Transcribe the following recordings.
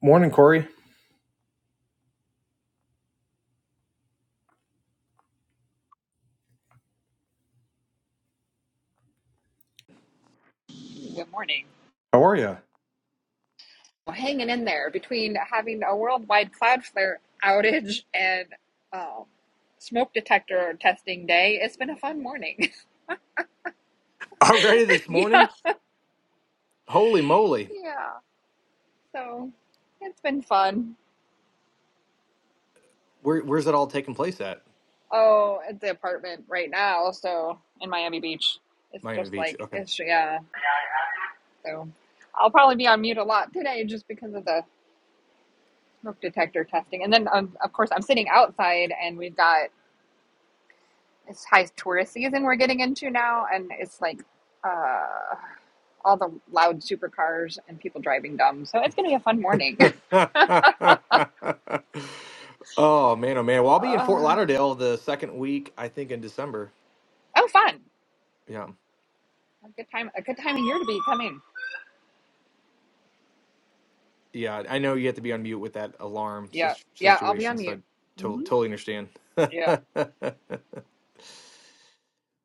Morning, Corey. Good morning. How are you? Well, hanging in there between having a worldwide Cloudflare outage and um, smoke detector testing day. It's been a fun morning. Already this yeah, morning? Holy moly. yeah. So it's been fun. Where you place at? Oh, at the apartment right now. So in Miami Beach, it's Miami just Beach. like Okay. it's yeah. So I'll probably be on mute a lot today just because of the smoke detector testing. And then um, of course I'm sitting outside and we've got it's high tourist season we're getting into now, and it's like uh, all the loud supercars and people driving dumb. So it's gonna be a fun morning. oh man, oh man. Well, I'll be in Fort uh, Lauderdale the second week, I think in December. oh, fun! Yeah. A good time. A good time of year to be coming. Yeah. I know you have to be on mute with that alarm Yeah, sis- yeah. I'll be on situation, so mute. I to- hmm totally understand. Yeah.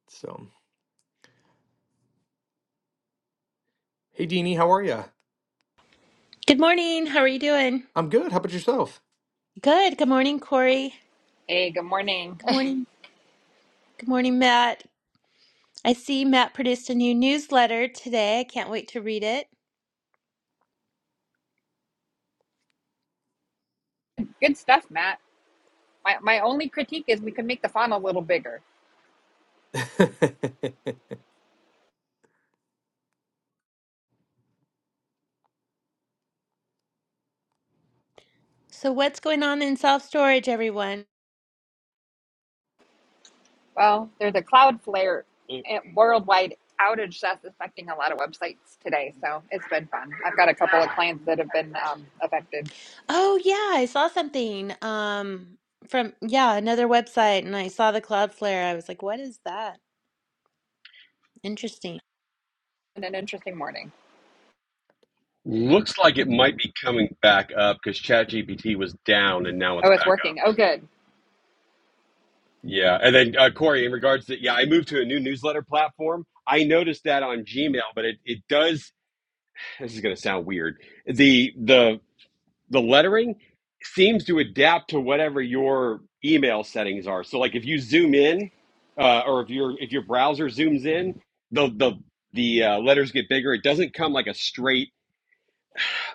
so, hey Deanie, how are you? Good morning. How are you doing? I'm good. How about yourself? Good. Good morning, Corey. Hey, good morning. Good morning. Good morning, Matt. I see Matt produced a new newsletter today. I can't wait to read it. good stuff, Matt. My my only critique is we could make the font a little bigger. Good So, what's going on in self storage, everyone? Well, there's a Cloudflare It eh, worldwide outage that's affecting a lot of websites today. So it's been fun. I've got a couple of clients that have been um, affected. Oh, yeah, I saw something um, from, yeah, another website, and I saw the Cloudflare. I was like, what is that? Interesting. And an interesting morning. looks like it might be coming back up because ChatGPT was down and now it's Oh, it's back up. working. Oh, good. Yeah, and then uh, Corey, in regards to yeah, I moved to a new newsletter platform. I noticed that on Gmail, but it, it does. This is going to sound weird. the the The lettering seems to adapt to whatever your email settings are. So, like if you zoom in, uh, or if your if your browser zooms in, the the the uh, letters get bigger. It doesn't come like a straight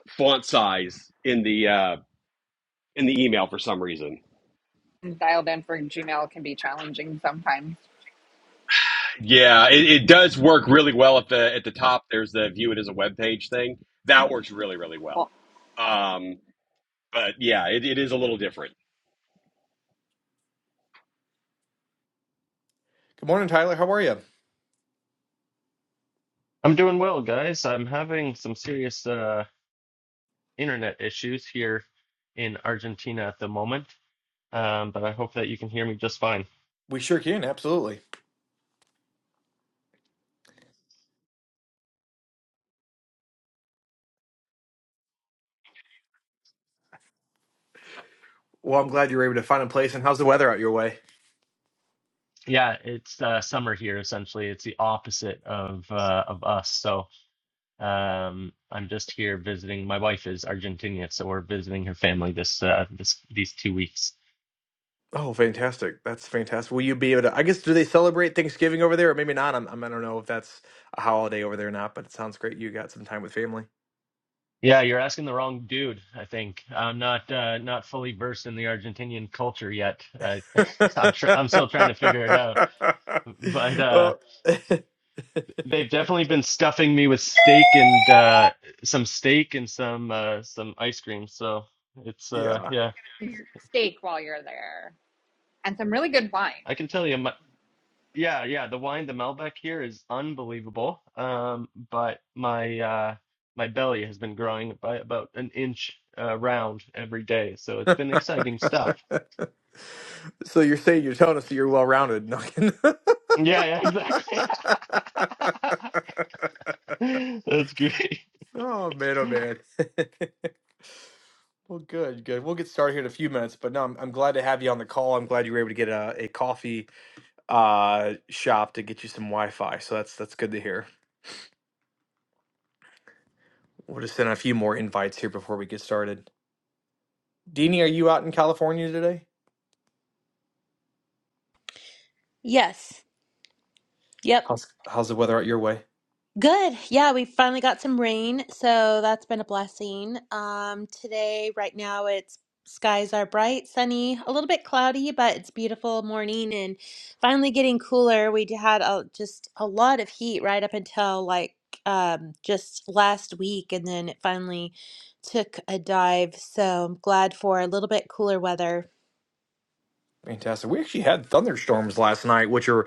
font size in the uh, in the email for some reason. And dialed in for Gmail can be challenging sometimes. Yeah, it, it does work really well at the at the top. There's the view it as a web page thing that works really really well. Well, Um, but yeah, it, it is a little different. morning, Tyler. How are you? I'm doing well, guys. I'm having some serious uh, internet issues here in Argentina at the moment, um, but I hope that you can hear me just fine. We sure can. Absolutely. Well, I'm glad you were able to find a place. And how's the weather out your way? Yeah, it's uh, summer here essentially. It's the opposite of uh, of us. So um, I'm just here visiting. My wife is Argentinian, so we're visiting her family this uh, this these two weeks. Oh, fantastic! That's fantastic. Will you be able to? I guess do they celebrate Thanksgiving over there, or maybe not? I'm, I'm I don't know if that's a holiday over there or not. But it sounds great. You got some time with family. Yeah, you're asking the wrong dude, I think. I'm not uh, not fully versed in the Argentinian culture yet. I, I'm tr I'm still trying to figure it out. But uh Oh, They've definitely been stuffing me with steak and uh, some steak and some uh, some ice cream. So it's uh, yeah. yeah, steak while you're there, and some really good wine. I can tell you, my, yeah, yeah, the wine, the Malbec here is unbelievable. Um, but my uh, my belly has been growing by about an inch uh, round every day, so it's been exciting stuff. So you're saying you're telling us that you're well rounded. No. Yeah, yeah, exactly. That's great. Oh man, oh man. Well, good, good. We'll get started here in a few minutes, but no, I'm, I'm glad to have you on the call. I'm glad you were able to get a, a coffee uh, shop to get you some Wi-Fi. So that's that's good to hear. We'll just send out a few more invites here before we get started. Deanie, are you out in California today? Yes. Yep. How's how's the weather out your way? Good. Yeah, we finally got some rain, so that's been a blessing. Um, today, right now, it's skies are bright, sunny, a little bit cloudy, but it's beautiful morning and finally getting cooler. We had a, just a lot of heat right up until like um, just last week, and then it finally took a dive. So I'm glad for a little bit cooler weather. Fantastic. We actually had thunderstorms last night, which are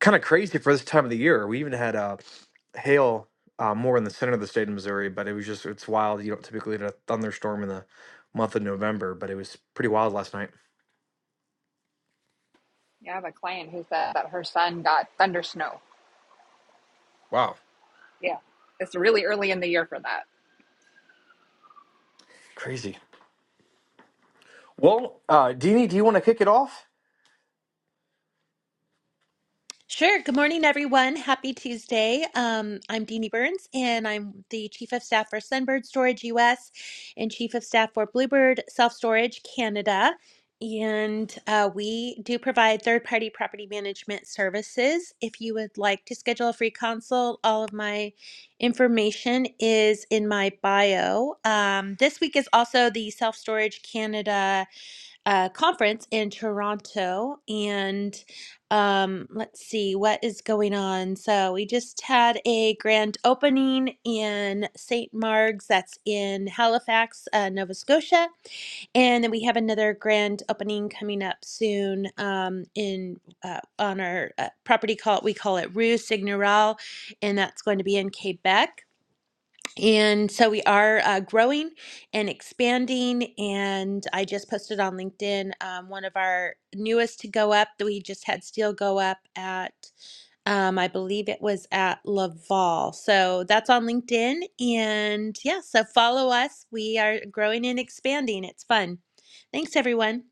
kind of crazy for this time of the year. We even had uh, hail uh, more in the center of the state of Missouri, but it was just it's wild. You don't typically get a thunderstorm in the month of November, but it was pretty wild last night. You have a client who said that her son got thunder snow. Wow, Yeah, it's really early in the year for that. crazy. Well, uh, Deanie, do you want to kick it off? Sure. Good morning, everyone. Happy Tuesday. Um, I'm Deanie Burns, and I'm the Chief of Staff for Sunbird Storage US and Chief of Staff for Bluebird Self Storage Canada. And uh, we do provide third party property management services. If you would like to schedule a free consult, all of my information is in my bio. Um, this week is also the Self Storage Canada uh, conference in Toronto. And um, let's see what is going on. So we just had a grand opening in St. Marg's. that's in Halifax, uh, Nova Scotia. And then we have another grand opening coming up soon um, in uh, on our uh, property call. We call it Rue Signoral, and that's going to be in Quebec. And so we are uh, growing and expanding. And I just posted on LinkedIn um, one of our newest to go up. that We just had Steel go up at, um, I believe it was at Laval. So that's on LinkedIn. And yeah, so follow us. We are growing and expanding. It's fun. Thanks, everyone.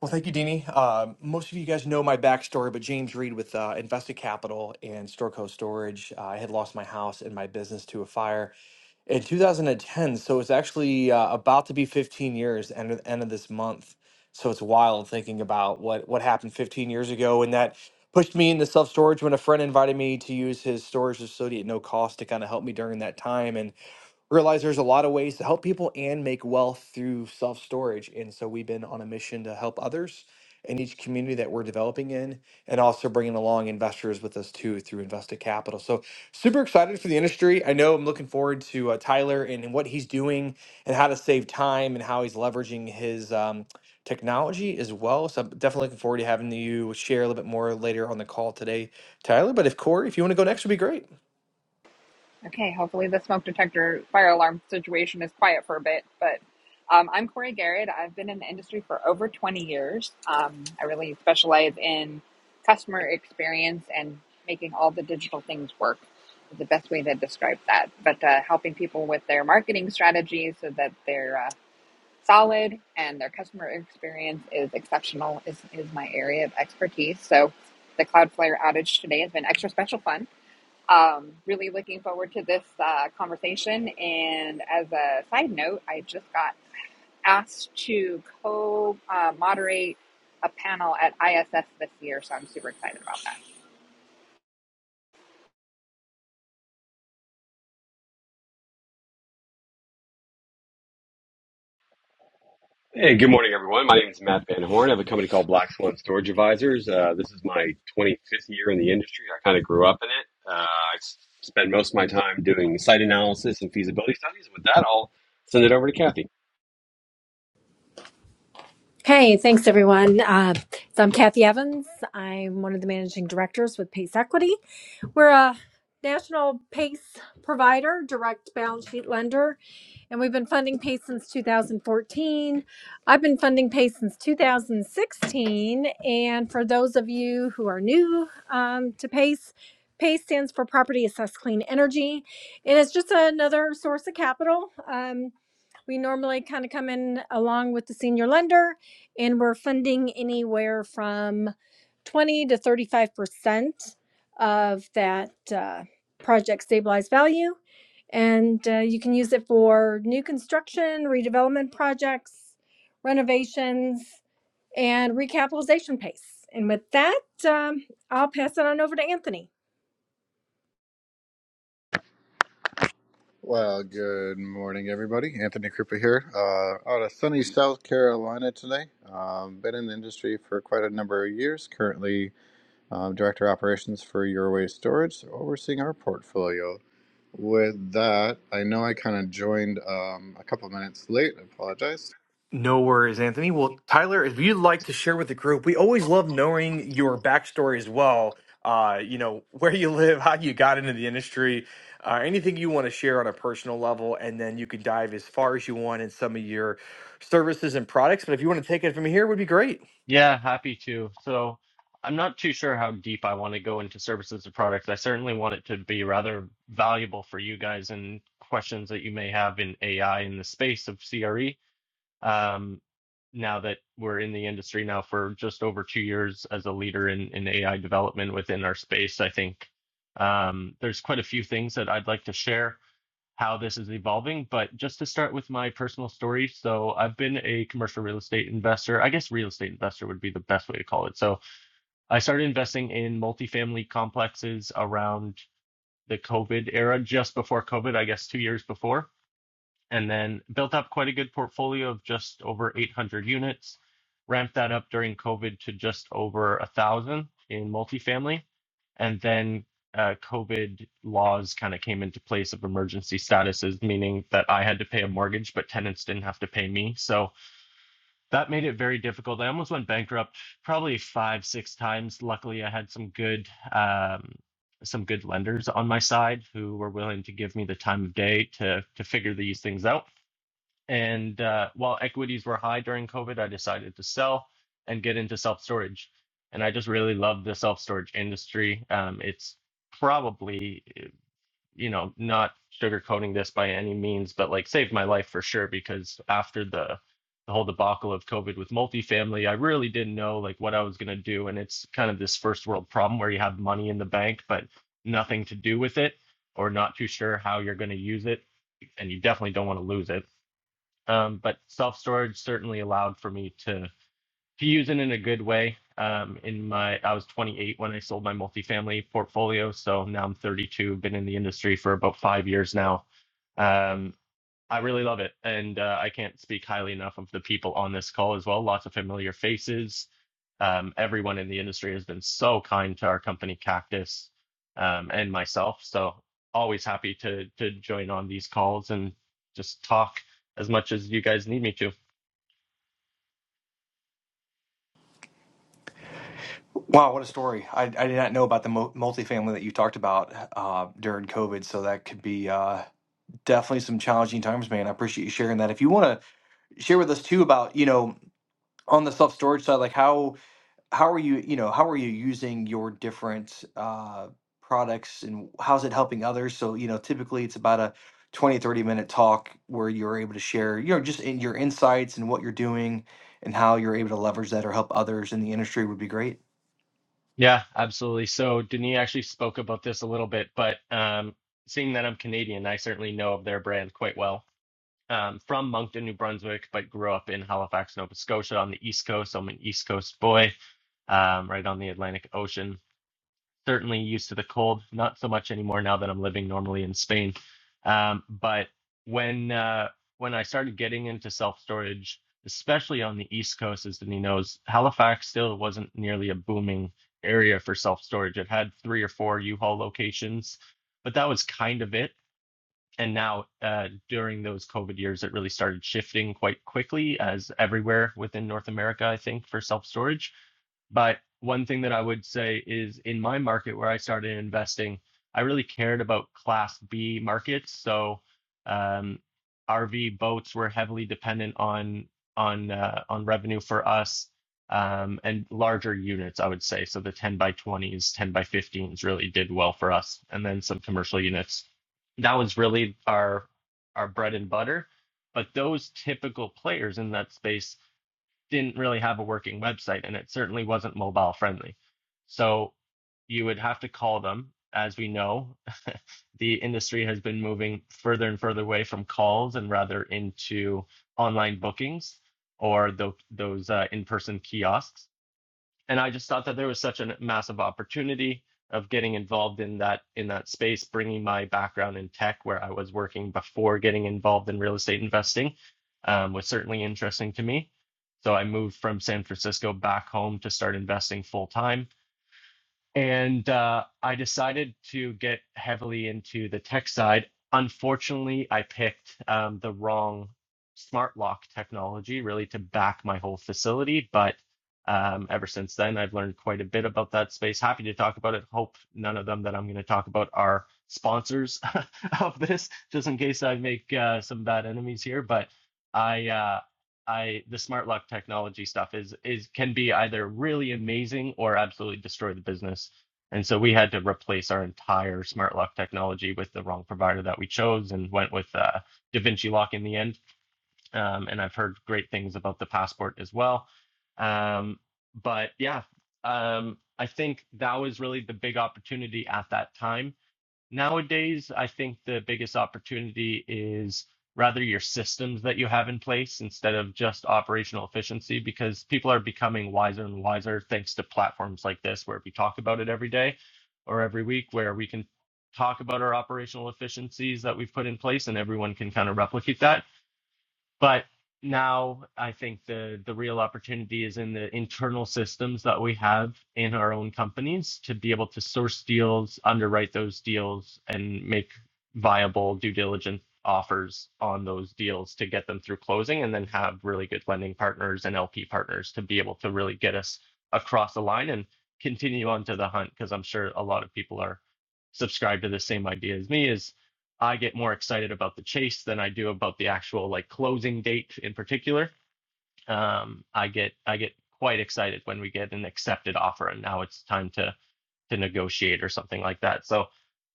Well, thank you, Deanie. Um, most of you guys know my backstory, but James Reed with uh, Invested Capital and Storco Storage, uh, I had lost my house and my business to a fire in 2010. So it's actually uh, about to be 15 years end of, end of this month. So it's wild thinking about what what happened 15 years ago, and that pushed me into self storage when a friend invited me to use his storage facility at no cost to kind of help me during that time. And realize there's a lot of ways to help people and make wealth through self storage. And so we've been on a mission to help others in each community that we're developing in and also bringing along investors with us too through invested capital. So super excited for the industry. I know I'm looking forward to uh, Tyler and and what he's doing and how to save time and how he's leveraging his um, technology as well. So I'm definitely looking forward to having you share a little bit more later on the call today, Tyler. But if Corey, if you want to go next, would be great. Okay, hopefully the smoke detector fire alarm situation is quiet for a bit. But um, I'm Corey Garrett. I've been in the industry for over 20 years. Um, I really specialize in customer experience and making all the digital things work. Is the best way to describe that. But uh, helping people with their marketing strategies so that they're uh, solid and their customer experience is exceptional is, is my area of expertise. So the Cloudflare outage today has been extra special fun um, really looking forward to this uh, conversation. And as a side note, I just got asked to co uh, moderate a panel at ISS this year, so I'm super excited about that. Hey, good morning, everyone. My name is Matt Van Horn. I have a company called Black Swan Storage Advisors. Uh, this is my 25th year in the industry. I kind of grew up in it. Uh, I s- spend most of my time doing site analysis and feasibility studies. With that, I'll send it over to Kathy. Hey, thanks everyone. Uh, so I'm Kathy Evans. I'm one of the managing directors with Pace Equity. We're a national PACE provider, direct balance sheet lender, and we've been funding PACE since 2014. I've been funding PACE since 2016. And for those of you who are new um, to PACE, PACE stands for Property Assessed Clean Energy, and it's just another source of capital. Um, we normally kind of come in along with the senior lender and we're funding anywhere from 20 to 35 percent of that uh, project stabilized value and uh, you can use it for new construction redevelopment projects renovations and recapitalization pace and with that um, i'll pass it on over to anthony Well, good morning, everybody. Anthony Krupa here, uh, out of sunny South Carolina today. Um, been in the industry for quite a number of years. Currently, um, director of operations for Your Waste Storage, so overseeing our portfolio. With that, I know I kind of joined um, a couple minutes late. I apologize. No worries, Anthony. Well, Tyler, if you'd like to share with the group, we always love knowing your backstory as well. Uh, you know, where you live, how you got into the industry, uh, anything you want to share on a personal level, and then you can dive as far as you want in some of your services and products. But if you want to take it from here, it would be great. Yeah, happy to. So I'm not too sure how deep I want to go into services or products. I certainly want it to be rather valuable for you guys and questions that you may have in AI in the space of CRE. Um, now that we're in the industry now for just over two years as a leader in, in AI development within our space, I think um, there's quite a few things that I'd like to share how this is evolving. But just to start with my personal story, so I've been a commercial real estate investor. I guess real estate investor would be the best way to call it. So I started investing in multifamily complexes around the COVID era, just before COVID, I guess two years before, and then built up quite a good portfolio of just over 800 units. Ramped that up during COVID to just over a thousand in multifamily and then uh, COVID laws kind of came into place of emergency statuses, meaning that I had to pay a mortgage, but tenants didn't have to pay me. So that made it very difficult. I almost went bankrupt probably five, six times. Luckily, I had some good um, some good lenders on my side who were willing to give me the time of day to to figure these things out. And uh, while equities were high during COVID, I decided to sell and get into self storage. And I just really love the self storage industry. Um, it's probably, you know, not sugarcoating this by any means, but like saved my life for sure because after the the whole debacle of COVID with multifamily, I really didn't know like what I was gonna do. And it's kind of this first world problem where you have money in the bank, but nothing to do with it or not too sure how you're gonna use it. And you definitely don't want to lose it. Um, but self storage certainly allowed for me to to use it in a good way. Um, in my I was 28 when I sold my multifamily portfolio, so now I'm 32. Been in the industry for about five years now. um, I really love it. And uh, I can't speak highly enough of the people on this call as well. Lots of familiar faces. Um, everyone in the industry has been so kind to our company, Cactus, um, and myself. So always happy to to join on these calls and just talk as much as you guys need me to. Wow, what a story! I, I did not know about the mo- multifamily that you talked about uh, during COVID, so that could be uh, definitely some challenging times, man. I appreciate you sharing that. If you want to share with us too about you know on the self storage side, like how how are you you know how are you using your different uh, products and how's it helping others? So you know, typically it's about a 20 30 minute talk where you're able to share you know just in your insights and what you're doing and how you're able to leverage that or help others in the industry would be great. Yeah, absolutely. So Denis actually spoke about this a little bit, but um, seeing that I'm Canadian, I certainly know of their brand quite well um, from Moncton, New Brunswick, but grew up in Halifax, Nova Scotia on the East Coast. So I'm an East Coast boy, um, right on the Atlantic Ocean. Certainly used to the cold, not so much anymore now that I'm living normally in Spain. Um, but when uh, when I started getting into self storage, especially on the East Coast, as Denis knows, Halifax still wasn't nearly a booming area for self storage. It had three or four U-Haul locations, but that was kind of it and now uh, during those COVID years, it really started shifting quite quickly, as everywhere within North America, I think, for self storage. But one thing that I would say is in my market where I started investing, I really cared about Class B markets. So um, RV boats were heavily dependent on on uh, on revenue for us um, and larger units, I would say. So the 10 by 20s, 10 by 15s really did well for us, and then some commercial units that was really our our bread and butter. But those typical players in that space didn't really have a working website, and it certainly wasn't mobile friendly. So you would have to call them. As we know, the industry has been moving further and further away from calls and rather into online bookings or tho- those uh, in-person kiosks and I just thought that there was such a massive opportunity of getting involved in that in that space, bringing my background in tech where I was working before getting involved in real estate investing um, was certainly interesting to me. So I moved from San Francisco back home to start investing full time and uh, I decided to get heavily into the tech side. Unfortunately, I picked um, the wrong smart lock technology really to back my whole facility. But um, ever since then, I've learned quite a bit about that space. Happy to talk about it. Hope none of them that I'm going to talk about are sponsors of this, just in case I make uh, some bad enemies here. But I. uh, I the smart lock technology stuff is is can be either really amazing or absolutely destroy the business. And so we had to replace our entire smart lock technology with the wrong provider that we chose and went with uh, DaVinci Lock in the end. Um, and I've heard great things about the passport as well. Um, but yeah, um, I think that was really the big opportunity at that time Nowadays, I think the biggest opportunity is rather your systems that you have in place instead of just operational efficiency, because people are becoming wiser and wiser thanks to platforms like this, where we talk about it every day or every week, where we can talk about our operational efficiencies that we've put in place and everyone can kind of replicate that. But now I think the the real opportunity is in the internal systems that we have in our own companies to be able to source deals, underwrite those deals, and make viable due diligence offers on those deals to get them through closing and then have really good lending partners and LP partners to be able to really get us across the line and continue on to the hunt because I'm sure a lot of people are subscribed to the same idea as me is. I get more excited about the chase than I do about the actual like closing date in particular. Um, I get I get quite excited when we get an accepted offer and now it's time to to negotiate or something like that. So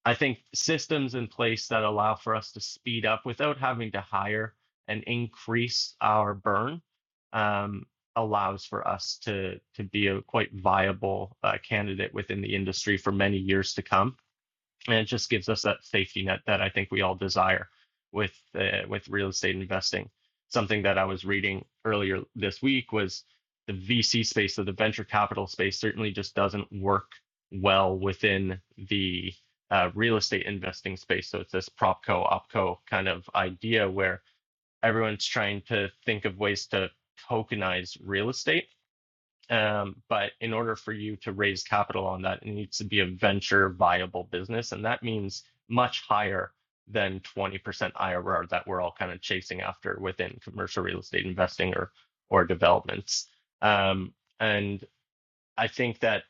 I think systems in place that allow for us to speed up without having to hire and increase our burn um, allows for us to to be a quite viable uh, candidate within the industry for many years to come and it just gives us that safety net that I think we all desire with uh, with real estate investing. Something that I was reading earlier this week was the VC space, so the venture capital space, certainly just doesn't work well within the uh, real estate investing space. So it's this propco opco kind of idea where everyone's trying to think of ways to tokenize real estate um, but in order for you to raise capital on that, it needs to be a venture viable business. And that means much higher than 20% IRR that we're all kind of chasing after within commercial real estate investing or or developments. Um, and I think that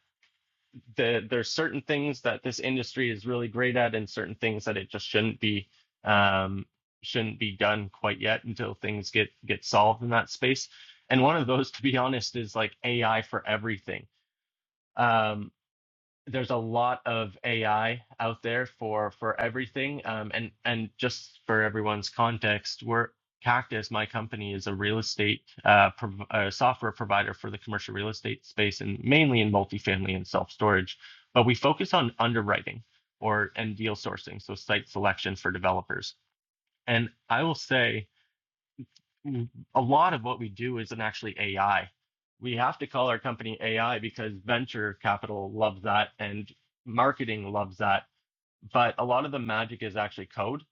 the, there's certain things that this industry is really great at and certain things that it just shouldn't be um, shouldn't be done quite yet until things get get solved in that space. And one of those, to be honest, is like AI for everything um, there's a lot of AI out there for for everything. Um, and and just for everyone's context, we're Cactus, my company, is a real estate uh, prov- uh, software provider for the commercial real estate space, and mainly in multifamily and self storage. But we focus on underwriting or and deal sourcing, so site selection for developers. And I will say Mm, A lot of what we do isn't actually AI. We have to call our company AI because venture capital loves that and marketing loves that. But a lot of the magic is actually code.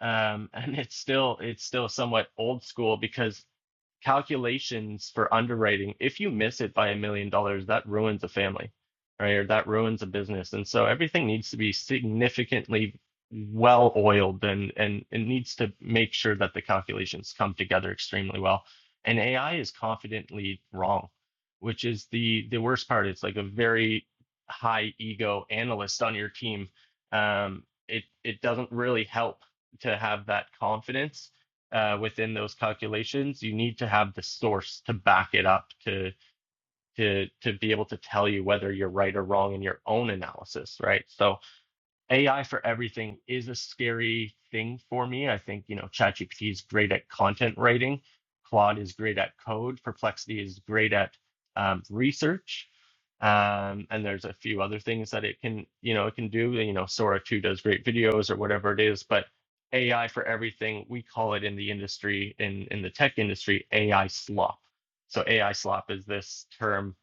Um, and it's still it's still somewhat old school because calculations for underwriting, if you miss it by a million dollars, that ruins a family, right? Or that ruins a business. And so everything needs to be significantly well oiled and, and it needs to make sure that the calculations come together extremely well. And AI is confidently wrong, which is the the worst part. It's like a very high ego analyst on your team. Um, it it doesn't really help to have that confidence uh, within those calculations, you need to have the source to back it up to to to be able to tell you whether you're right or wrong in your own analysis, right? So AI for everything is a scary thing for me. I think, you know, ChatGPT is great at content writing, Claude is great at code, Perplexity is great at um, research. Um, and there's a few other things that it can, you know, it can do. You know, Sora 2 does great videos or whatever it is, but AI for everything, we call it in the industry, in, in the tech industry, AI slop. So AI slop is this term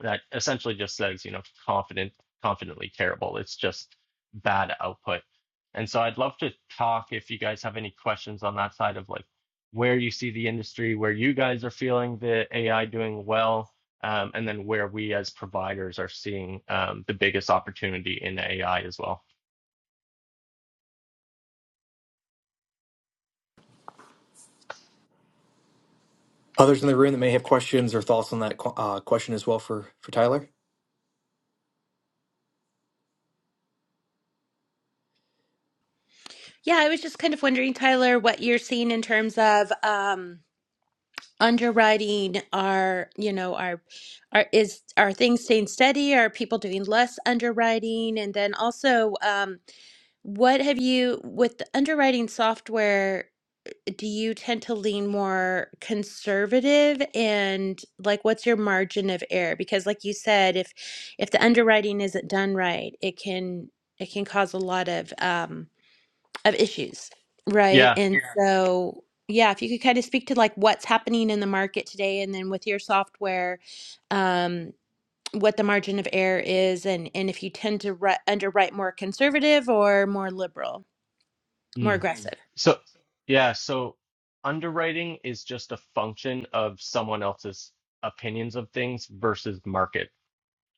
that essentially just says, you know, confident, confidently terrible. It's just bad output. And so I'd love to talk if you guys have any questions on that side of like where you see the industry, where you guys are feeling the AI doing well, um, and then where we as providers are seeing um, the biggest opportunity in AI as well. Others in the room that may have questions or thoughts on that qu- uh, question as well for for Tyler. Yeah, I was just kind of wondering, Tyler, what you're seeing in terms of. Um, underwriting are you know are are is are things staying steady are people doing less underwriting and then also um, what have you with the underwriting software do you tend to lean more conservative and like what's your margin of error because like you said if if the underwriting isn't done right it can it can cause a lot of um, of issues, right? Yeah. And Yeah. so, yeah, if you could kind of speak to like what's happening in the market today, and then with your software, um, what the margin of error is, and and if you tend to ri- underwrite more conservative or more liberal, more Mm. Mm. aggressive. So, yeah. So underwriting is just a function of someone else's opinions of things versus market.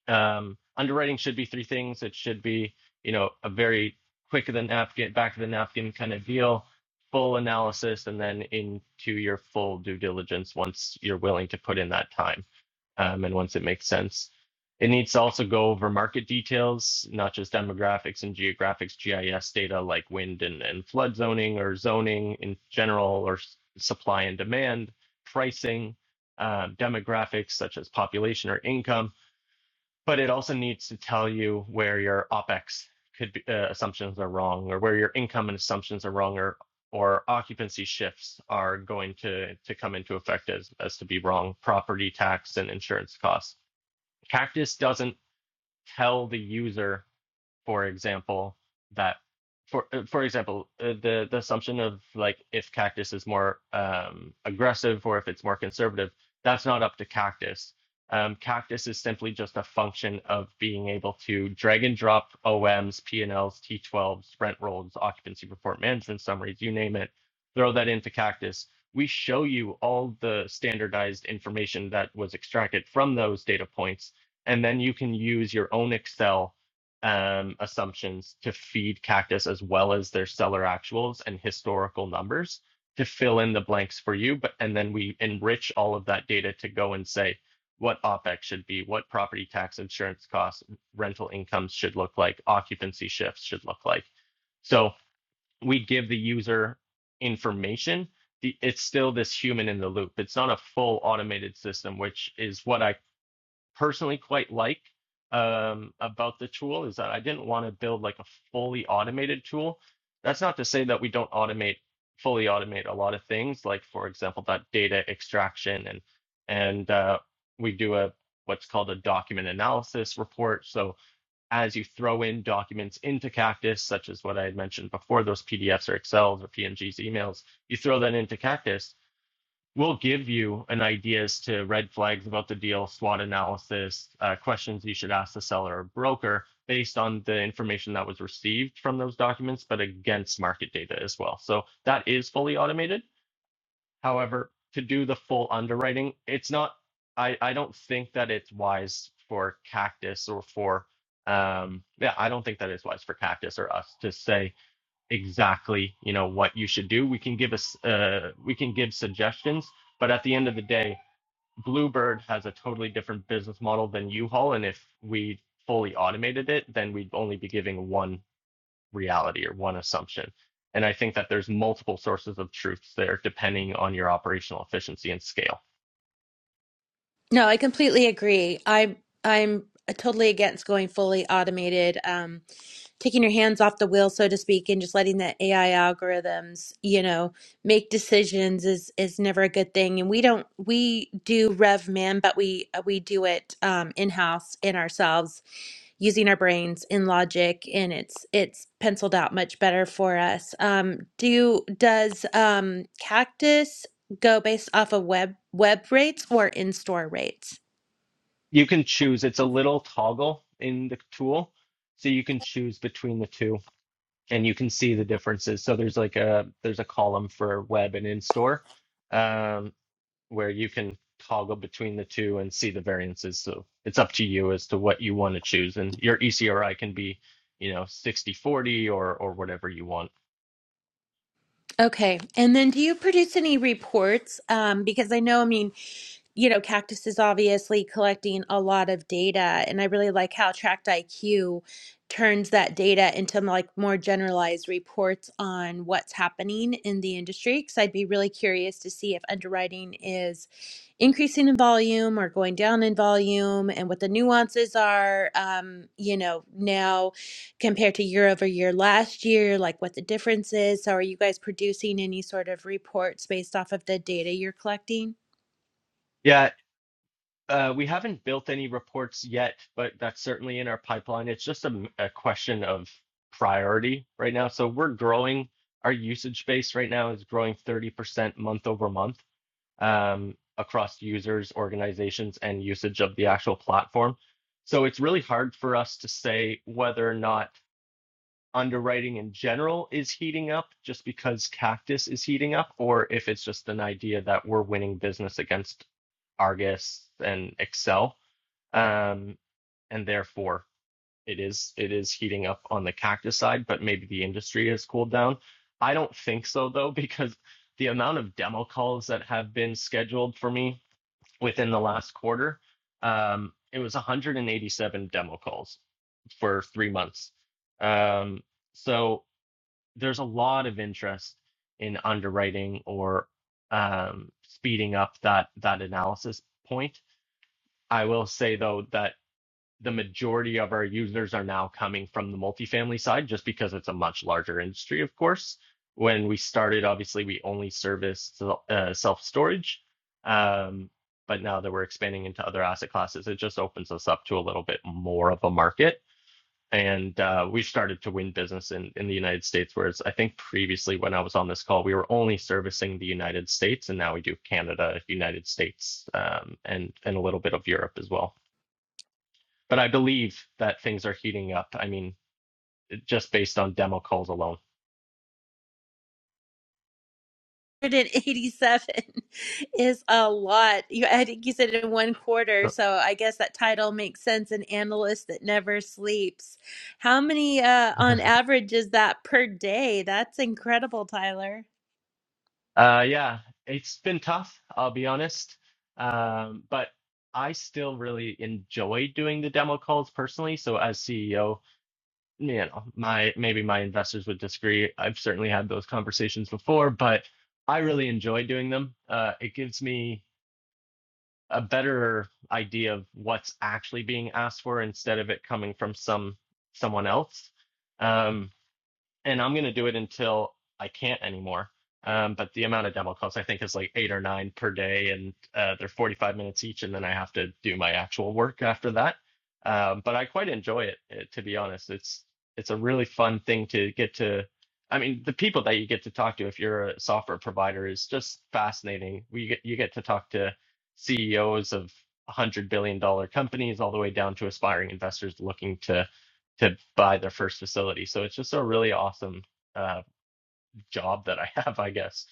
um, underwriting should be three things. It should be, you know, a very quick of the napkin, back of the napkin kind of deal, full analysis, and then into your full due diligence once you're willing to put in that time um, and once it makes sense. It needs to also go over market details, not just demographics and geographics, GIS data like wind and, and flood zoning or zoning in general or s- supply and demand, pricing, uh, demographics such as population or income but it also needs to tell you where your opex could be, uh, assumptions are wrong or where your income and assumptions are wrong or or occupancy shifts are going to to come into effect as as to be wrong property tax and insurance costs cactus doesn't tell the user for example, that for uh, for example, uh, the the assumption of like if Cactus is more um, aggressive or if it's more conservative, that's not up to Cactus. Um, Cactus is simply just a function of being able to drag and drop OMs, P&Ls, T12s, rent rolls, occupancy report management summaries, you name it, throw that into Cactus. We show you all the standardized information that was extracted from those data points, and then you can use your own Excel um, assumptions to feed Cactus as well as their seller actuals and historical numbers to fill in the blanks for you. But and then we enrich all of that data to go and say what OPEX should be, what property tax, insurance costs, rental incomes should look like, occupancy shifts should look like. So we give the user information. It's still this human in the loop. It's not a full automated system, which is what I personally quite like um, about the tool is that I didn't want to build like a fully automated tool. That's not to say that we don't automate fully automate a lot of things, like for example that data extraction and and uh, we do a what's called a document analysis report. So as you throw in documents into Cactus, such as what I had mentioned before, those PDFs or Excels or PNGs, emails, you throw that into Cactus we'll give you an idea as to red flags about the deal, SWOT analysis, uh, questions you should ask the seller or broker based on the information that was received from those documents, but against market data as well. So that is fully automated. However, to do the full underwriting, it's not, I, I don't think that it's wise for Cactus or for, um, yeah, I don't think that it's wise for Cactus or us to say, exactly you know what you should do we can give us uh, we can give suggestions but at the end of the day bluebird has a totally different business model than u-haul and if we fully automated it then we'd only be giving one reality or one assumption and i think that there's multiple sources of truths there depending on your operational efficiency and scale No, I completely agree. I I'm totally against going fully automated. Um, taking your hands off the wheel, so to speak, and just letting the AI algorithms, you know, make decisions is is never a good thing. And we don't we do rev man, but we uh, we do it um, in house in ourselves using our brains in logic, and it's it's penciled out much better for us. Um, do does um, Cactus go based off of web web rates or in store rates? you can choose it's a little toggle in the tool so you can choose between the two and you can see the differences. So there's like a there's a column for web and in store, um, where you can toggle between the two and see the variances. So it's up to you as to what you want to choose, and your ECRI can be, you know, 60 40 or or whatever you want. Okay, and then do you produce any reports? Um, because I know, I mean. you know, Cactus is obviously collecting a lot of data, and I really like how Tract IQ turns that data into like more generalized reports on what's happening in the industry. Because I'd be really curious to see if underwriting is increasing in volume or going down in volume, and what the nuances are. Um, you know, now compared to year over year last year, like what the difference is. So, are you guys producing any sort of reports based off of the data you're collecting? Yeah. Uh, we haven't built any reports yet, but that's certainly in our pipeline. It's just a a question of priority right now. So we're growing. Our usage base right now is growing 30% month over month um, across users, organizations, and usage of the actual platform. So it's really hard for us to say whether or not underwriting in general is heating up just because Cactus is heating up, or if it's just an idea that we're winning business against Argus and Excel, um, and therefore it is it is heating up on the Cactus side, but maybe the industry has cooled down. I don't think so though, because the amount of demo calls that have been scheduled for me within the last quarter. Um, it was 187 demo calls for three months. Um, so there's a lot of interest in underwriting or um, speeding up that that analysis point. I will say though that the majority of our users are now coming from the multifamily side just because it's a much larger industry, of course. When we started, obviously, we only serviced uh, self storage. Um, but now that we're expanding into other asset classes, it just opens us up to a little bit more of a market. And uh, we've started to win business in, in the United States, whereas I think previously when I was on this call, we were only servicing the United States, and now we do Canada, United States, um, and, and a little bit of Europe as well but I believe that things are heating up. I mean, just based on demo calls alone. 187 is a lot. You, I think you said in one quarter, so I guess that title makes sense. An analyst that never sleeps. How many, uh, on average, is that per day? That's incredible, Tyler. uh, yeah, it's been tough. I'll be honest, um, but I still really enjoy doing the demo calls personally. So as CEO, you know, my maybe my investors would disagree. I've certainly had those conversations before, but I really enjoy doing them. Uh, it gives me a better idea of what's actually being asked for instead of it coming from some someone else. Um, and I'm gonna do it until I can't anymore. Um, but the amount of demo calls I think is like eight or nine per day, and uh, they're 45 minutes each, and then I have to do my actual work after that. Um, but I quite enjoy it, eh, to be honest. It's it's a really fun thing to get to. I mean, the people that you get to talk to if you're a software provider is just fascinating. We get you get to talk to CEOs of one hundred billion dollar companies all the way down to aspiring investors looking to to buy their first facility. So it's just a really awesome uh, job that I have, I guess.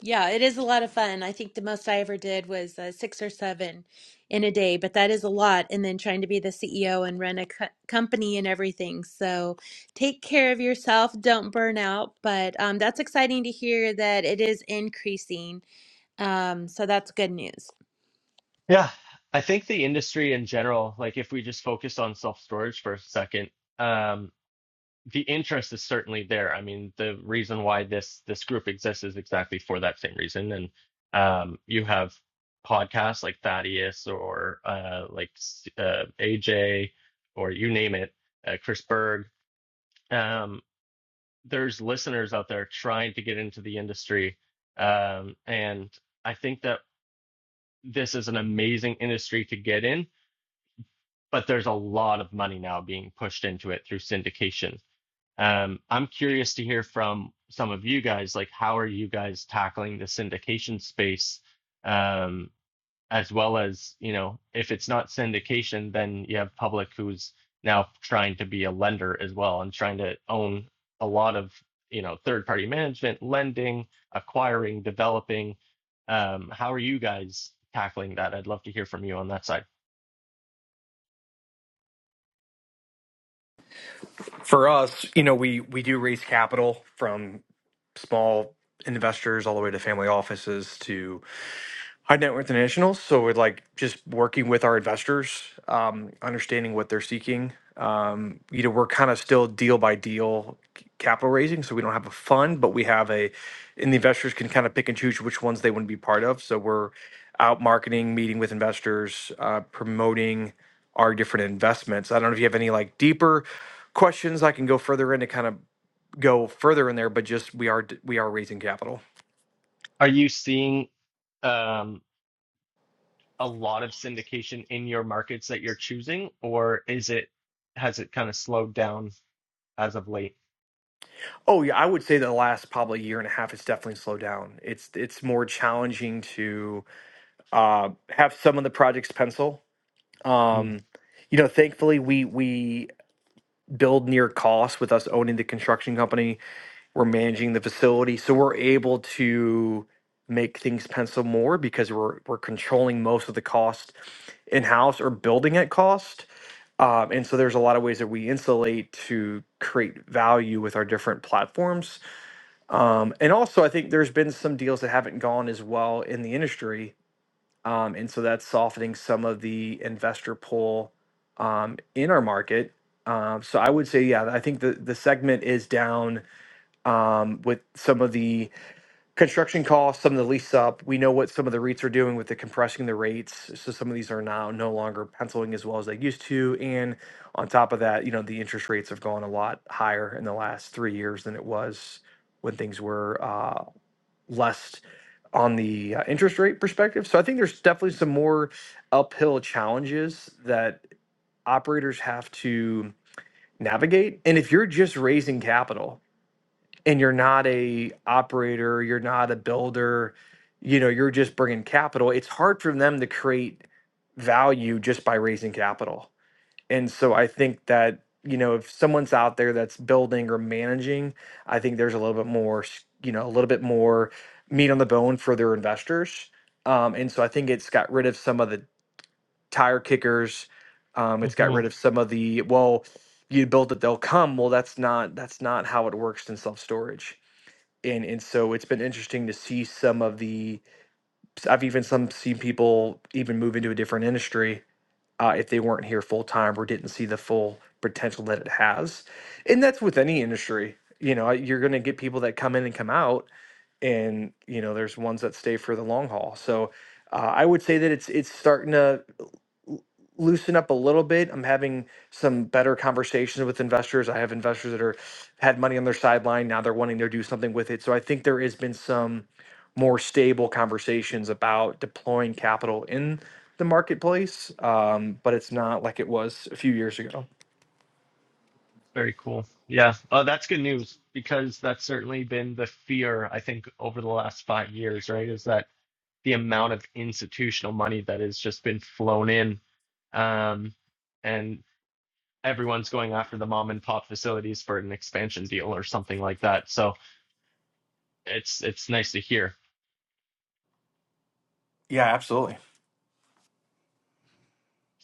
Yeah, it is a lot of fun. I think the most I ever did was uh, six or seven in a day, but that is a lot. And then trying to be the CEO and run a co company and everything. So take care of yourself. Don't burn out. But um, that's exciting to hear that it is increasing. Um, so that's good news. Yeah, I think the industry in general, like if we just focus on self storage for a second, um, the interest is certainly there. I mean, the reason why this this group exists is exactly for that same reason. And um, you have podcasts like Thaddeus or uh, like uh, AJ or you name it, uh, Chris Berg. um, there's listeners out there trying to get into the industry. Um, and I think that this is an amazing industry to get in, but there's a lot of money now being pushed into it through syndication. Um, I'm curious to hear from some of you guys, like, how are you guys tackling the syndication space? Um, as well as you know if it's not syndication then you have public who's now trying to be a lender as well and trying to own a lot of you know third party management lending acquiring developing um, how are you guys tackling that i'd love to hear from you on that side For us, you know, we we do raise capital from small investors all the way to family offices to. high net worth internationals. So we're like just working with our investors, um, understanding what they're seeking. Um, you know, we're kind of still deal by deal c- capital raising, so we don't have a fund, but we have a, and the investors can kind of pick and choose which ones they want to be part of. So we're out marketing, meeting with investors, uh, promoting our different investments. I don't know if you have any like deeper questions. I can go further in to kind of go further in there, but just we are d- we are raising capital. are you seeing um, a lot of syndication in your markets that you're choosing or is it has it kind of slowed down as of late Oh yeah, I would say the last probably year and a half it's definitely slowed down. It's it's more challenging to uh, have some of the projects pencil. Um, you know, thankfully we we build near cost with us owning the construction company. We're managing the facility, so we're able to make things pencil more because we're we're controlling most of the cost in house or building at cost. Um, and so there's a lot of ways that we insulate to create value with our different platforms um, and also, I think there's been some deals that haven't gone as well in the industry. Um, and so that's softening some of the investor pull um, in our market. Um, so I would say, yeah, I think the, the segment is down um, with some of the construction costs, some of the lease up. We know what some of the REITs are doing with the compressing the rates. So some of these are now no longer penciling as well as they used to. And on top of that, you know, the interest rates have gone a lot higher in the last three years than it was when things were uh, less on the uh, interest rate perspective. So I think there's definitely some more uphill challenges that operators have to navigate. And if you're just raising capital and you're not a operator, you're not a builder, you know, you're just bringing capital, it's hard for them to create value just by raising capital. And so I think that, you know, if someone's out there that's building or managing, I think there's a little bit more, s- you know, a little bit more meat on the bone for their investors. Um, and so I think it's got rid of some of the tire kickers. Um, it's got Mm-hmm. rid of some of the, well, you build it, they'll come. Well, that's not that's not how it works in self storage. And and so it's been interesting to see some of the I've even some seen people even move into a different industry uh, if they weren't here full time or didn't see the full potential that it has. And that's with any industry. You know, you're going to get people that come in and come out, and you know, there's ones that stay for the long haul. So uh, I would say that it's it's starting to loosen up a little bit. I'm having some better conversations with investors. I have investors that are had money on their sideline. Now they're wanting to do something with it. So I think there has been some more stable conversations about deploying capital in the marketplace. Um, but it's not like it was a few years ago. Very cool. Yeah. Uh, that's good news because that's certainly been the fear, I think, over the last five years, right? Is that the amount of institutional money that has just been flown in. Um, and everyone's going after the mom and pop facilities for an expansion deal or something like that. So it's it's nice to hear. Yeah, absolutely.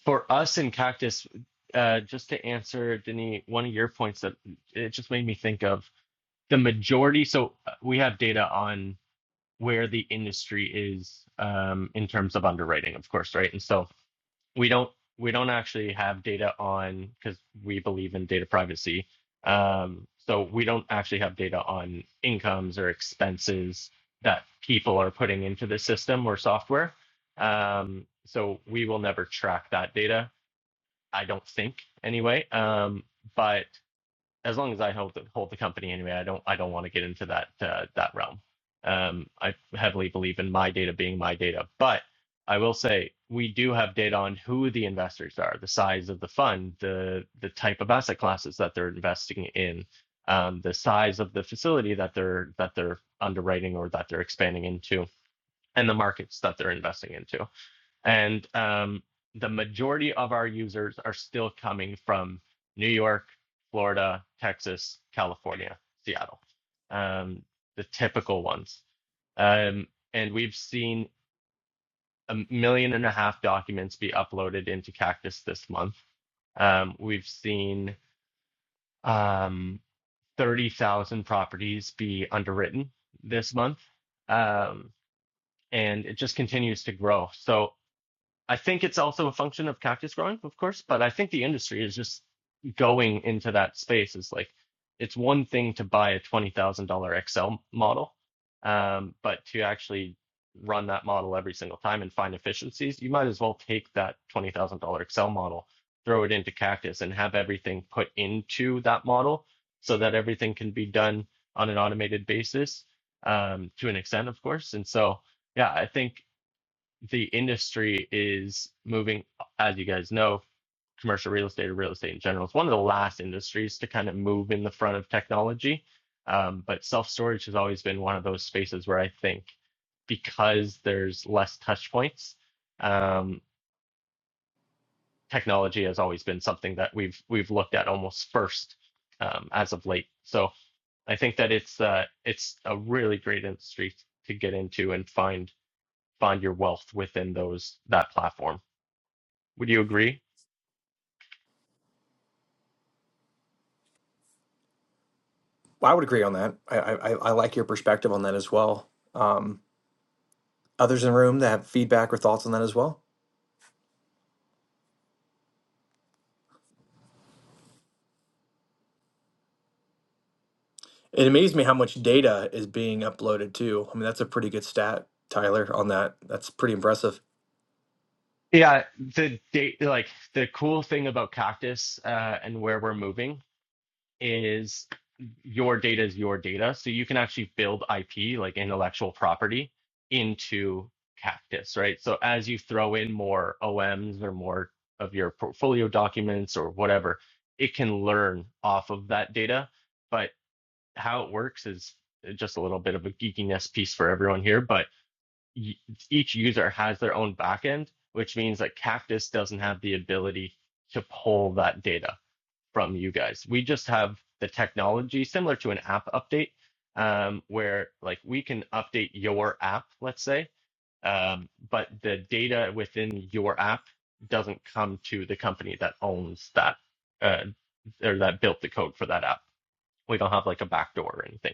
For us in Cactus, uh, just to answer, Denis, one of your points that it just made me think of the majority. So uh, we have data on. where the industry is um, in terms of underwriting, of course, right? And so we don't we don't actually have data on because we believe in data privacy. Um, so we don't actually have data on incomes or expenses that people are putting into the system or software. Um, so we will never track that data, I don't think, anyway. Um, but as long as I hold the, hold the company anyway, I don't I don't want to get into that uh, that realm. Um, I heavily believe in my data being my data, but I will say we do have data on who the investors are, the size of the fund, the the type of asset classes that they're investing in, um, the size of the facility that they're that they're underwriting or that they're expanding into, and the markets that they're investing into. And um, the majority of our users are still coming from New York, Florida, Texas, California, Seattle, um, the typical ones. Um, and we've seen a million and a half documents be uploaded into Cactus this month. Um, we've seen um, 30,000 properties be underwritten this month. Um, and it just continues to grow. So I think it's also a function of cactus growing, of course, but I think the industry is just going into that space. Is like it's one thing to buy a twenty thousand dollar Excel model, um, but to actually run that model every single time and find efficiencies, you might as well take that twenty thousand dollar Excel model, throw it into Cactus, and have everything put into that model so that everything can be done on an automated basis um, to an extent, of course. And so, yeah, I think the industry is moving, as you guys know, commercial real estate or real estate in general. It's one of the last industries to kind of move in the front of technology. Um, but self storage has always been one of those spaces where I think because there's less touch points, um, technology has always been something that we've we've looked at almost first um, as of late. So I think that it's uh, it's a really great industry to get into and find find your wealth within those that platform. Would you agree? Well, I would agree on that. I, I, I I like your perspective on that as well. Um, others in the room that have feedback or thoughts on that as well? It amazed me how much data is being uploaded too. I mean, that's a pretty good stat, Tyler, on that. That's pretty impressive. Yeah, the date, like the cool thing about Cactus uh, and where we're moving is your data is your data. So you can actually build IP, like intellectual property, into Cactus, right? So as you throw in more OMs or more of your portfolio documents or whatever, it can learn off of that data. But how it works is just a little bit of a geekiness piece for everyone here, but y- each user has their own backend, which means that Cactus doesn't have the ability to pull that data from you guys. We just have the technology similar to an app update, um, where like we can update your app, let's say, um, but the data within your app doesn't come to the company that owns that uh, or that built the code for that app. We don't have like a backdoor or anything.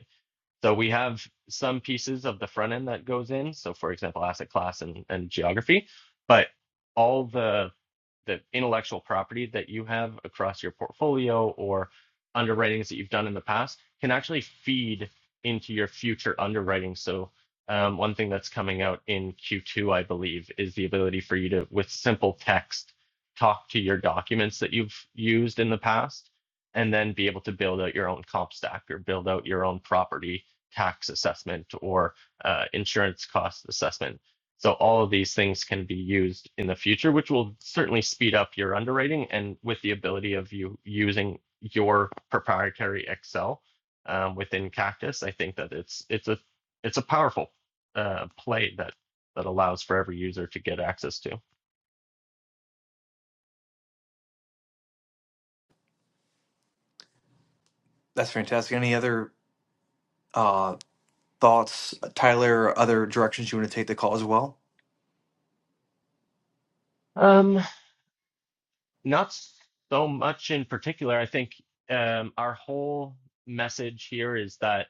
So we have some pieces of the front end that goes in. So for example, asset class and, and geography, but all the the intellectual property that you have across your portfolio or underwritings that you've done in the past can actually feed into your future underwriting. So, um, one thing that's coming out in Q2, I believe, is the ability for you to, with simple text, talk to your documents that you've used in the past and then be able to build out your own comp stack or build out your own property tax assessment or uh, insurance cost assessment so all of these things can be used in the future, which will certainly speed up your underwriting and with the ability of you using your proprietary Excel um, within Cactus, I think that it's it's a it's a powerful uh, play that that allows for every user to get access to. That's fantastic. Any other uh, thoughts, Tyler, or other directions you want to take the call as well? Um, not so much in particular. I think um, our whole message here is that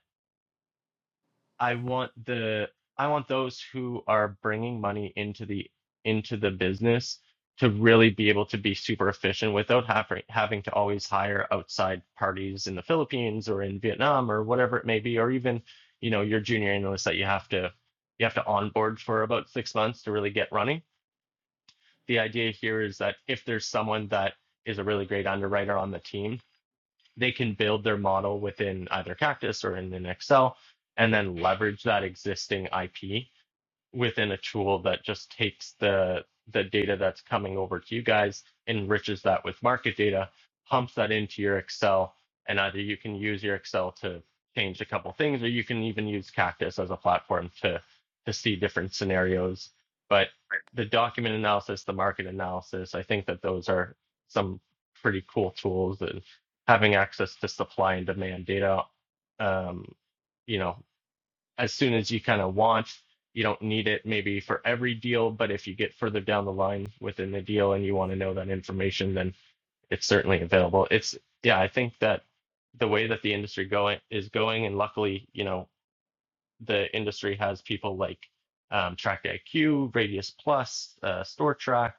I want the I want those who are bringing money into the into the business to really be able to be super efficient without having having to always hire outside parties in the Philippines or in Vietnam or whatever it may be, or even, you know, your junior analyst that you have to you have to onboard for about six months to really get running. The idea here is that if there's someone that is a really great underwriter on the team they can build their model within either Cactus or in an Excel and then leverage that existing IP within a tool that just takes the the data that's coming over to you guys, enriches that with market data, pumps that into your Excel, and either you can use your Excel to change a couple things, or you can even use Cactus as a platform to to see different scenarios. But the document analysis, the market analysis, I think that those are some pretty cool tools and having access to supply and demand data. Um, you know, as soon as you kind of want. You don't need it maybe for every deal, but if you get further down the line within the deal and you want to know that information, then it's certainly available. It's yeah, I think that the way that the industry going is going, and luckily, you know, the industry has people like um, Track IQ, Radius Plus, uh, Store Track.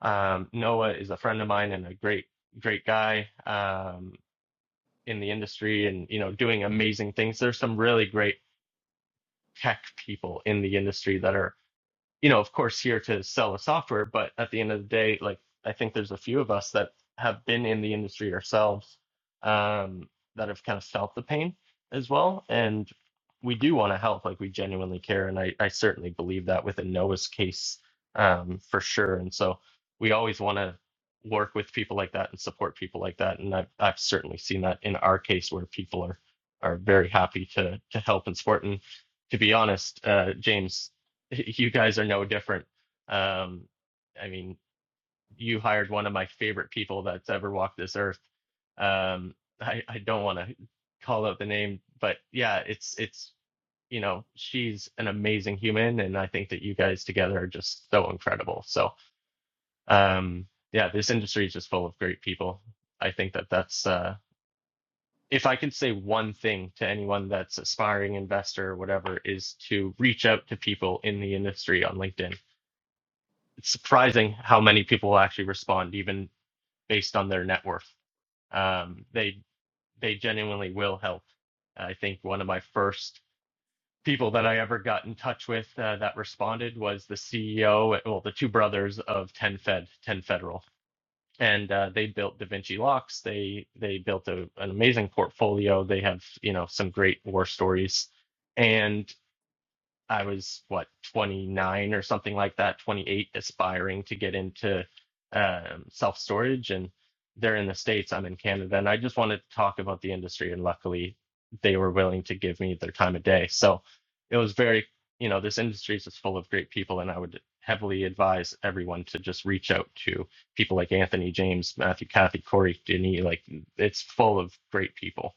Um, Noah is a friend of mine and a great, great guy um, in the industry, and you know, doing amazing things. There's some really great tech people in the industry that are you know, of course, here to sell the software, but at the end of the day, like I think there's a few of us that have been in the industry ourselves um, that have kind of felt the pain as well, and we do want to help, like we genuinely care, and I I certainly believe that with a Noah's case um, for sure, and so we always want to work with people like that and support people like that, and I've I've certainly seen that in our case where people are are very happy to to help and support and to be honest, uh, James. you guys are no different. Um, I mean, you hired one of my favorite people that's ever walked this earth. Um, I, I don't want to call out the name, but yeah, it's it's you know she's an amazing human, and I think that you guys together are just so incredible. So um, yeah, this industry is just full of great people. I think that that's uh, if I could say one thing to anyone that's aspiring investor or whatever is to reach out to people in the industry on LinkedIn it's surprising how many people actually respond, even based on their net worth. Um, they they genuinely will help. I think one of my first people that I ever got in touch with uh, that responded was the CEO, well, the two brothers of Ten Fed, Ten Federal, and uh, they built DaVinci Locks. They they built a, an amazing portfolio. They have you know some great war stories, and. I was what 29 or something like that, 28, aspiring to get into um, self storage, and they're in the states. I'm in Canada, and I just wanted to talk about the industry, and luckily they were willing to give me their time of day. So it was very, you know, this industry is just full of great people, and I would heavily advise everyone to just reach out to people like Anthony, James, Matthew, Kathy, Corey, Denny. Like it's full of great people.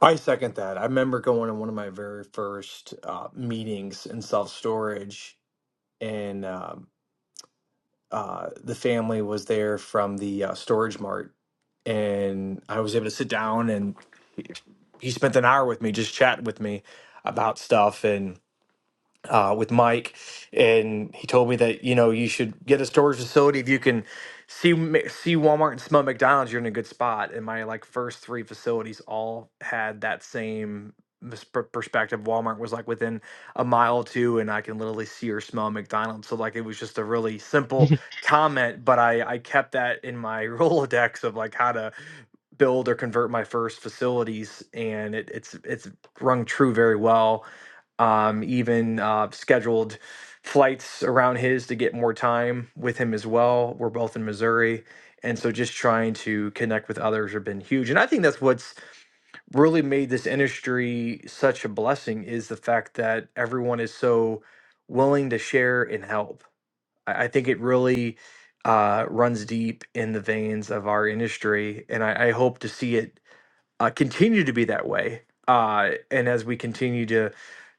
I second that. I remember going to one of my very first uh, meetings in self storage, and um uh, the family was there from the uh, storage mart, and I was able to sit down and he he spent an hour with me, just chatting with me about stuff, uh, with Mike, and he told me that you know you should get a storage facility if you can see Ma- see Walmart and smell McDonald's, you're in a good spot. And my like first three facilities all had that same mis- per- perspective. Walmart was like within a mile or two, and I can literally see or smell McDonald's. So like it was just a really simple comment, but I I kept that in my Rolodex of like how to build or convert my first facilities, and it, it's it's rung true very well um, even uh, scheduled flights around his to get more time with him as well. We're both in Missouri. And so just trying to connect with others have been huge. And I think that's what's really made this industry such a blessing is the fact that everyone is so willing to share and help. I, I think it really uh, runs deep in the veins of our industry. And I, I hope to see it uh, continue to be that way. Uh, and as we continue to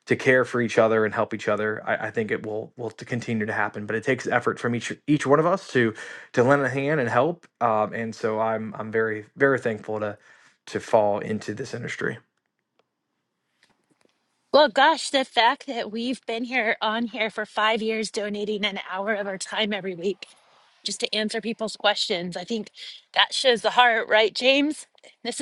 to care for each other and help each other, I, I think it will will to continue to happen. But it takes effort from each each one of us to to lend a hand and help. Um, and so I'm I'm very very thankful to to fall into this industry. Well, gosh, the fact that we've been here on here for five years, donating an hour time every week, people's questioning that seems this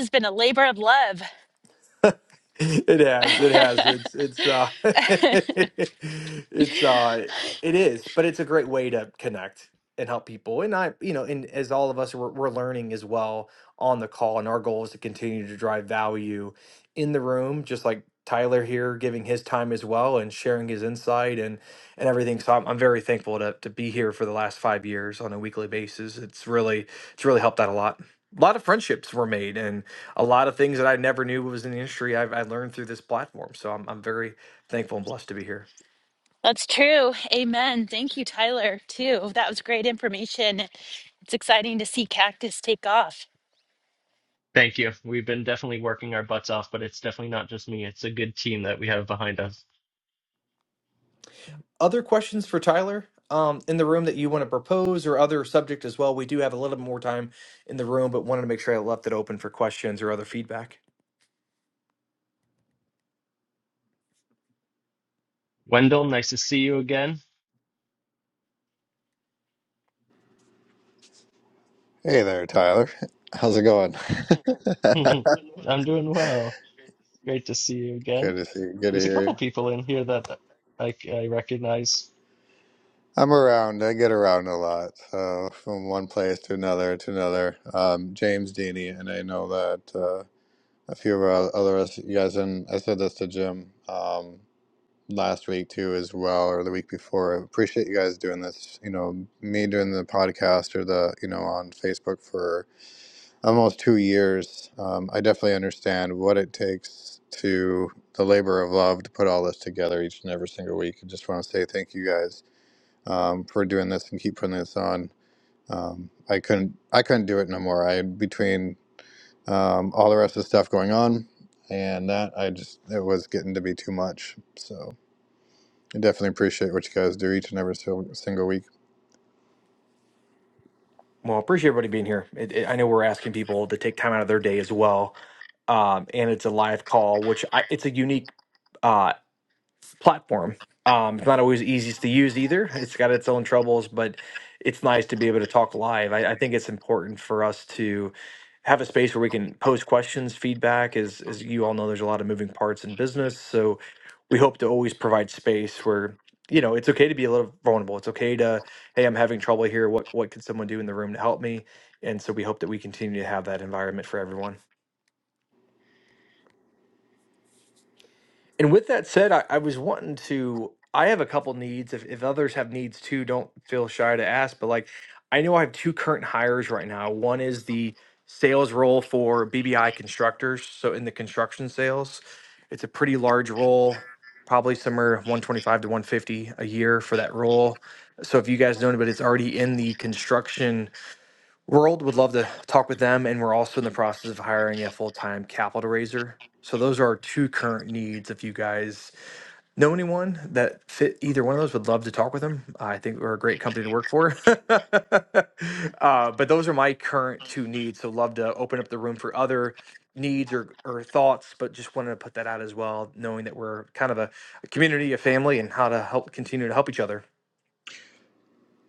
It has, it has. It's it's uh it's uh it is, but it's a great way to connect and help people. And I, you know, and as all of us we're, we're learning as well on the call, and our goal is to continue to drive value in the room, just like Tyler here giving his time as well and sharing his insight and and everything. So I'm, I'm very thankful to to be here for the last five years on a weekly basis. It's really it's really helped out a lot. A lot of friendships were made a lot of things that I never knew was in the industry I've, I learned through this platform. So I'm, I'm very thankful and blessed to be here. that's true. Amen. Thank you, Tyler, too. That was great information. It's exciting to see Cactus take off. Thank you. We've been definitely working our butts off, but it's definitely not just me. It's a good team that we have behind us. Other questions for Tyler um, in the room that you want to propose or other subject as well? We do have a little bit more time in the room, but wanted to make sure I left it open for questions or other feedback. Wendell, nice to see you again. Hey there, Tyler. How's it going? I'm doing well. Great to see you again. good to see you. Good to There's a hear couple you. people in here that I, I recognize. I'm around. I get around a lot, so from one place to another to another. Um, James Deaney, and I know that uh, a few of our other us- you guys, and I said this to Jim um, last week too, as well, or the week before. I appreciate you guys doing this. You know, me doing the podcast or the you know on Facebook for almost two years. Um, I definitely understand what it takes to the labor of love to put all this together each and every single week. I just want to say thank you guys um, for doing this and keep putting this on. Um, I couldn't I couldn't do it no more. I between um, all the rest of the stuff going on and that I just it was getting to be too much. So I definitely appreciate what you guys do each and every single week. Well, I appreciate everybody being here. It, it, I know we're asking people to take time out of their day as well. Um, and it's a live call, which I, it's a unique. uh, platform. Um, it's not always easiest to use either. It's got its own troubles, but it's nice to be able to talk live. I, I think it's important for us to have a space where we can post questions, feedback. As as you all know, there's a lot of moving parts in business, so we hope to always provide space where you know it's okay to be a little vulnerable. It's okay to hey, I'm having trouble here. What what can someone do in the room to help me? And so we hope that we continue to have that environment for everyone. And with that said, I, I was wanting to. I have a couple needs. If, if others have needs too, don't feel shy to ask. But like, I know I have two current hires right now. One is the sales role for BBI constructors. So in the construction sales, it's a pretty large role, probably somewhere 125 to 150 a year for that role. So if you guys know anybody that's already in the construction World would love to talk with them, and we're also in the process of hiring a full time capital raiser. So those are our two current needs. If you guys know anyone that fit either one of those, would love to talk with them. I think we're a great company to work for. uh, but those are my current two needs. So love to open up the room for other needs or, or thoughts, but just wanted to put that out as well, knowing that we're kind of a, a community, a family, and how to help continue to help each other.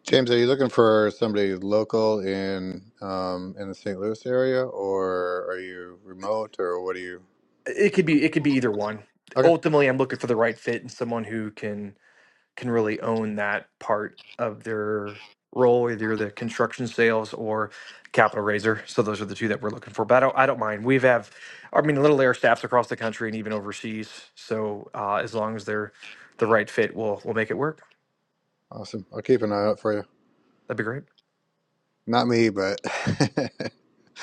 James, are you looking for somebody local in um, in the St. Louis area, or are you remote, or what are you? It could be it could be either one Okay, ultimately I'm looking for the right fit and someone who can can really own that part of their role, either the construction sales or capital raiser. So those are the two that we're looking for. But I don't, I don't mind. We've have, I mean, little air staffs across the country and even overseas. So uh, as long as they're the right fit, we'll we'll make it work. awesome. I'll keep an eye out for you. That'd be great. Not me, but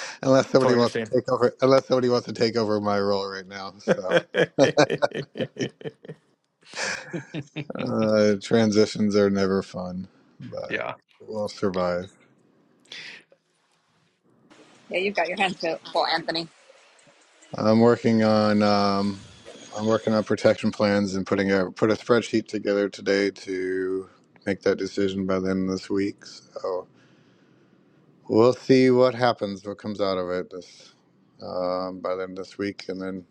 unless somebody Totally wants understand. to take over, unless somebody wants to take over my role right now. so. Uh, transitions are never fun, but Yeah. we'll survive. Yeah, you've got your hands full, Anthony. I'm working on um, I'm working on protection plans and putting a put a spreadsheet together today to make that decision by the end of this week. So we'll see what happens, what comes out of it this um, by the end of this week, and then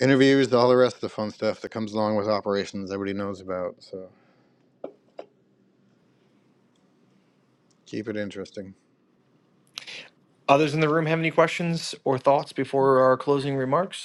interviews, all the rest of the fun stuff that comes along with operations. Everybody knows about. So keep it interesting. Others in the room have any questions or thoughts before our closing remarks?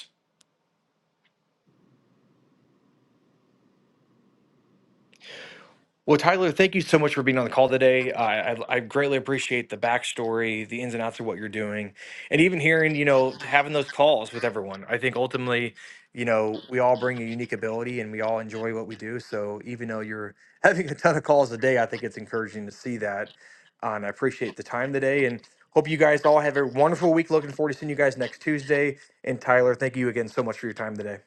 Well, Tyler, thank you so much for being on the call today. I, I, I greatly appreciate the backstory, the ins and outs of what you're doing, and even hearing, you know, having those calls with everyone. I think ultimately, you know, we all bring a unique ability and we all enjoy what we do. So even though you're having a ton of calls a day, I think it's encouraging to see that. Uh, and I appreciate the time today and hope you guys all have a wonderful week. Looking forward to seeing you guys next Tuesday. And Tyler, thank you again so much for your time today.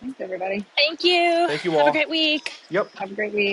Thanks, everybody. Thank you. Thank you Have a all. great week. Yep. Have a great week.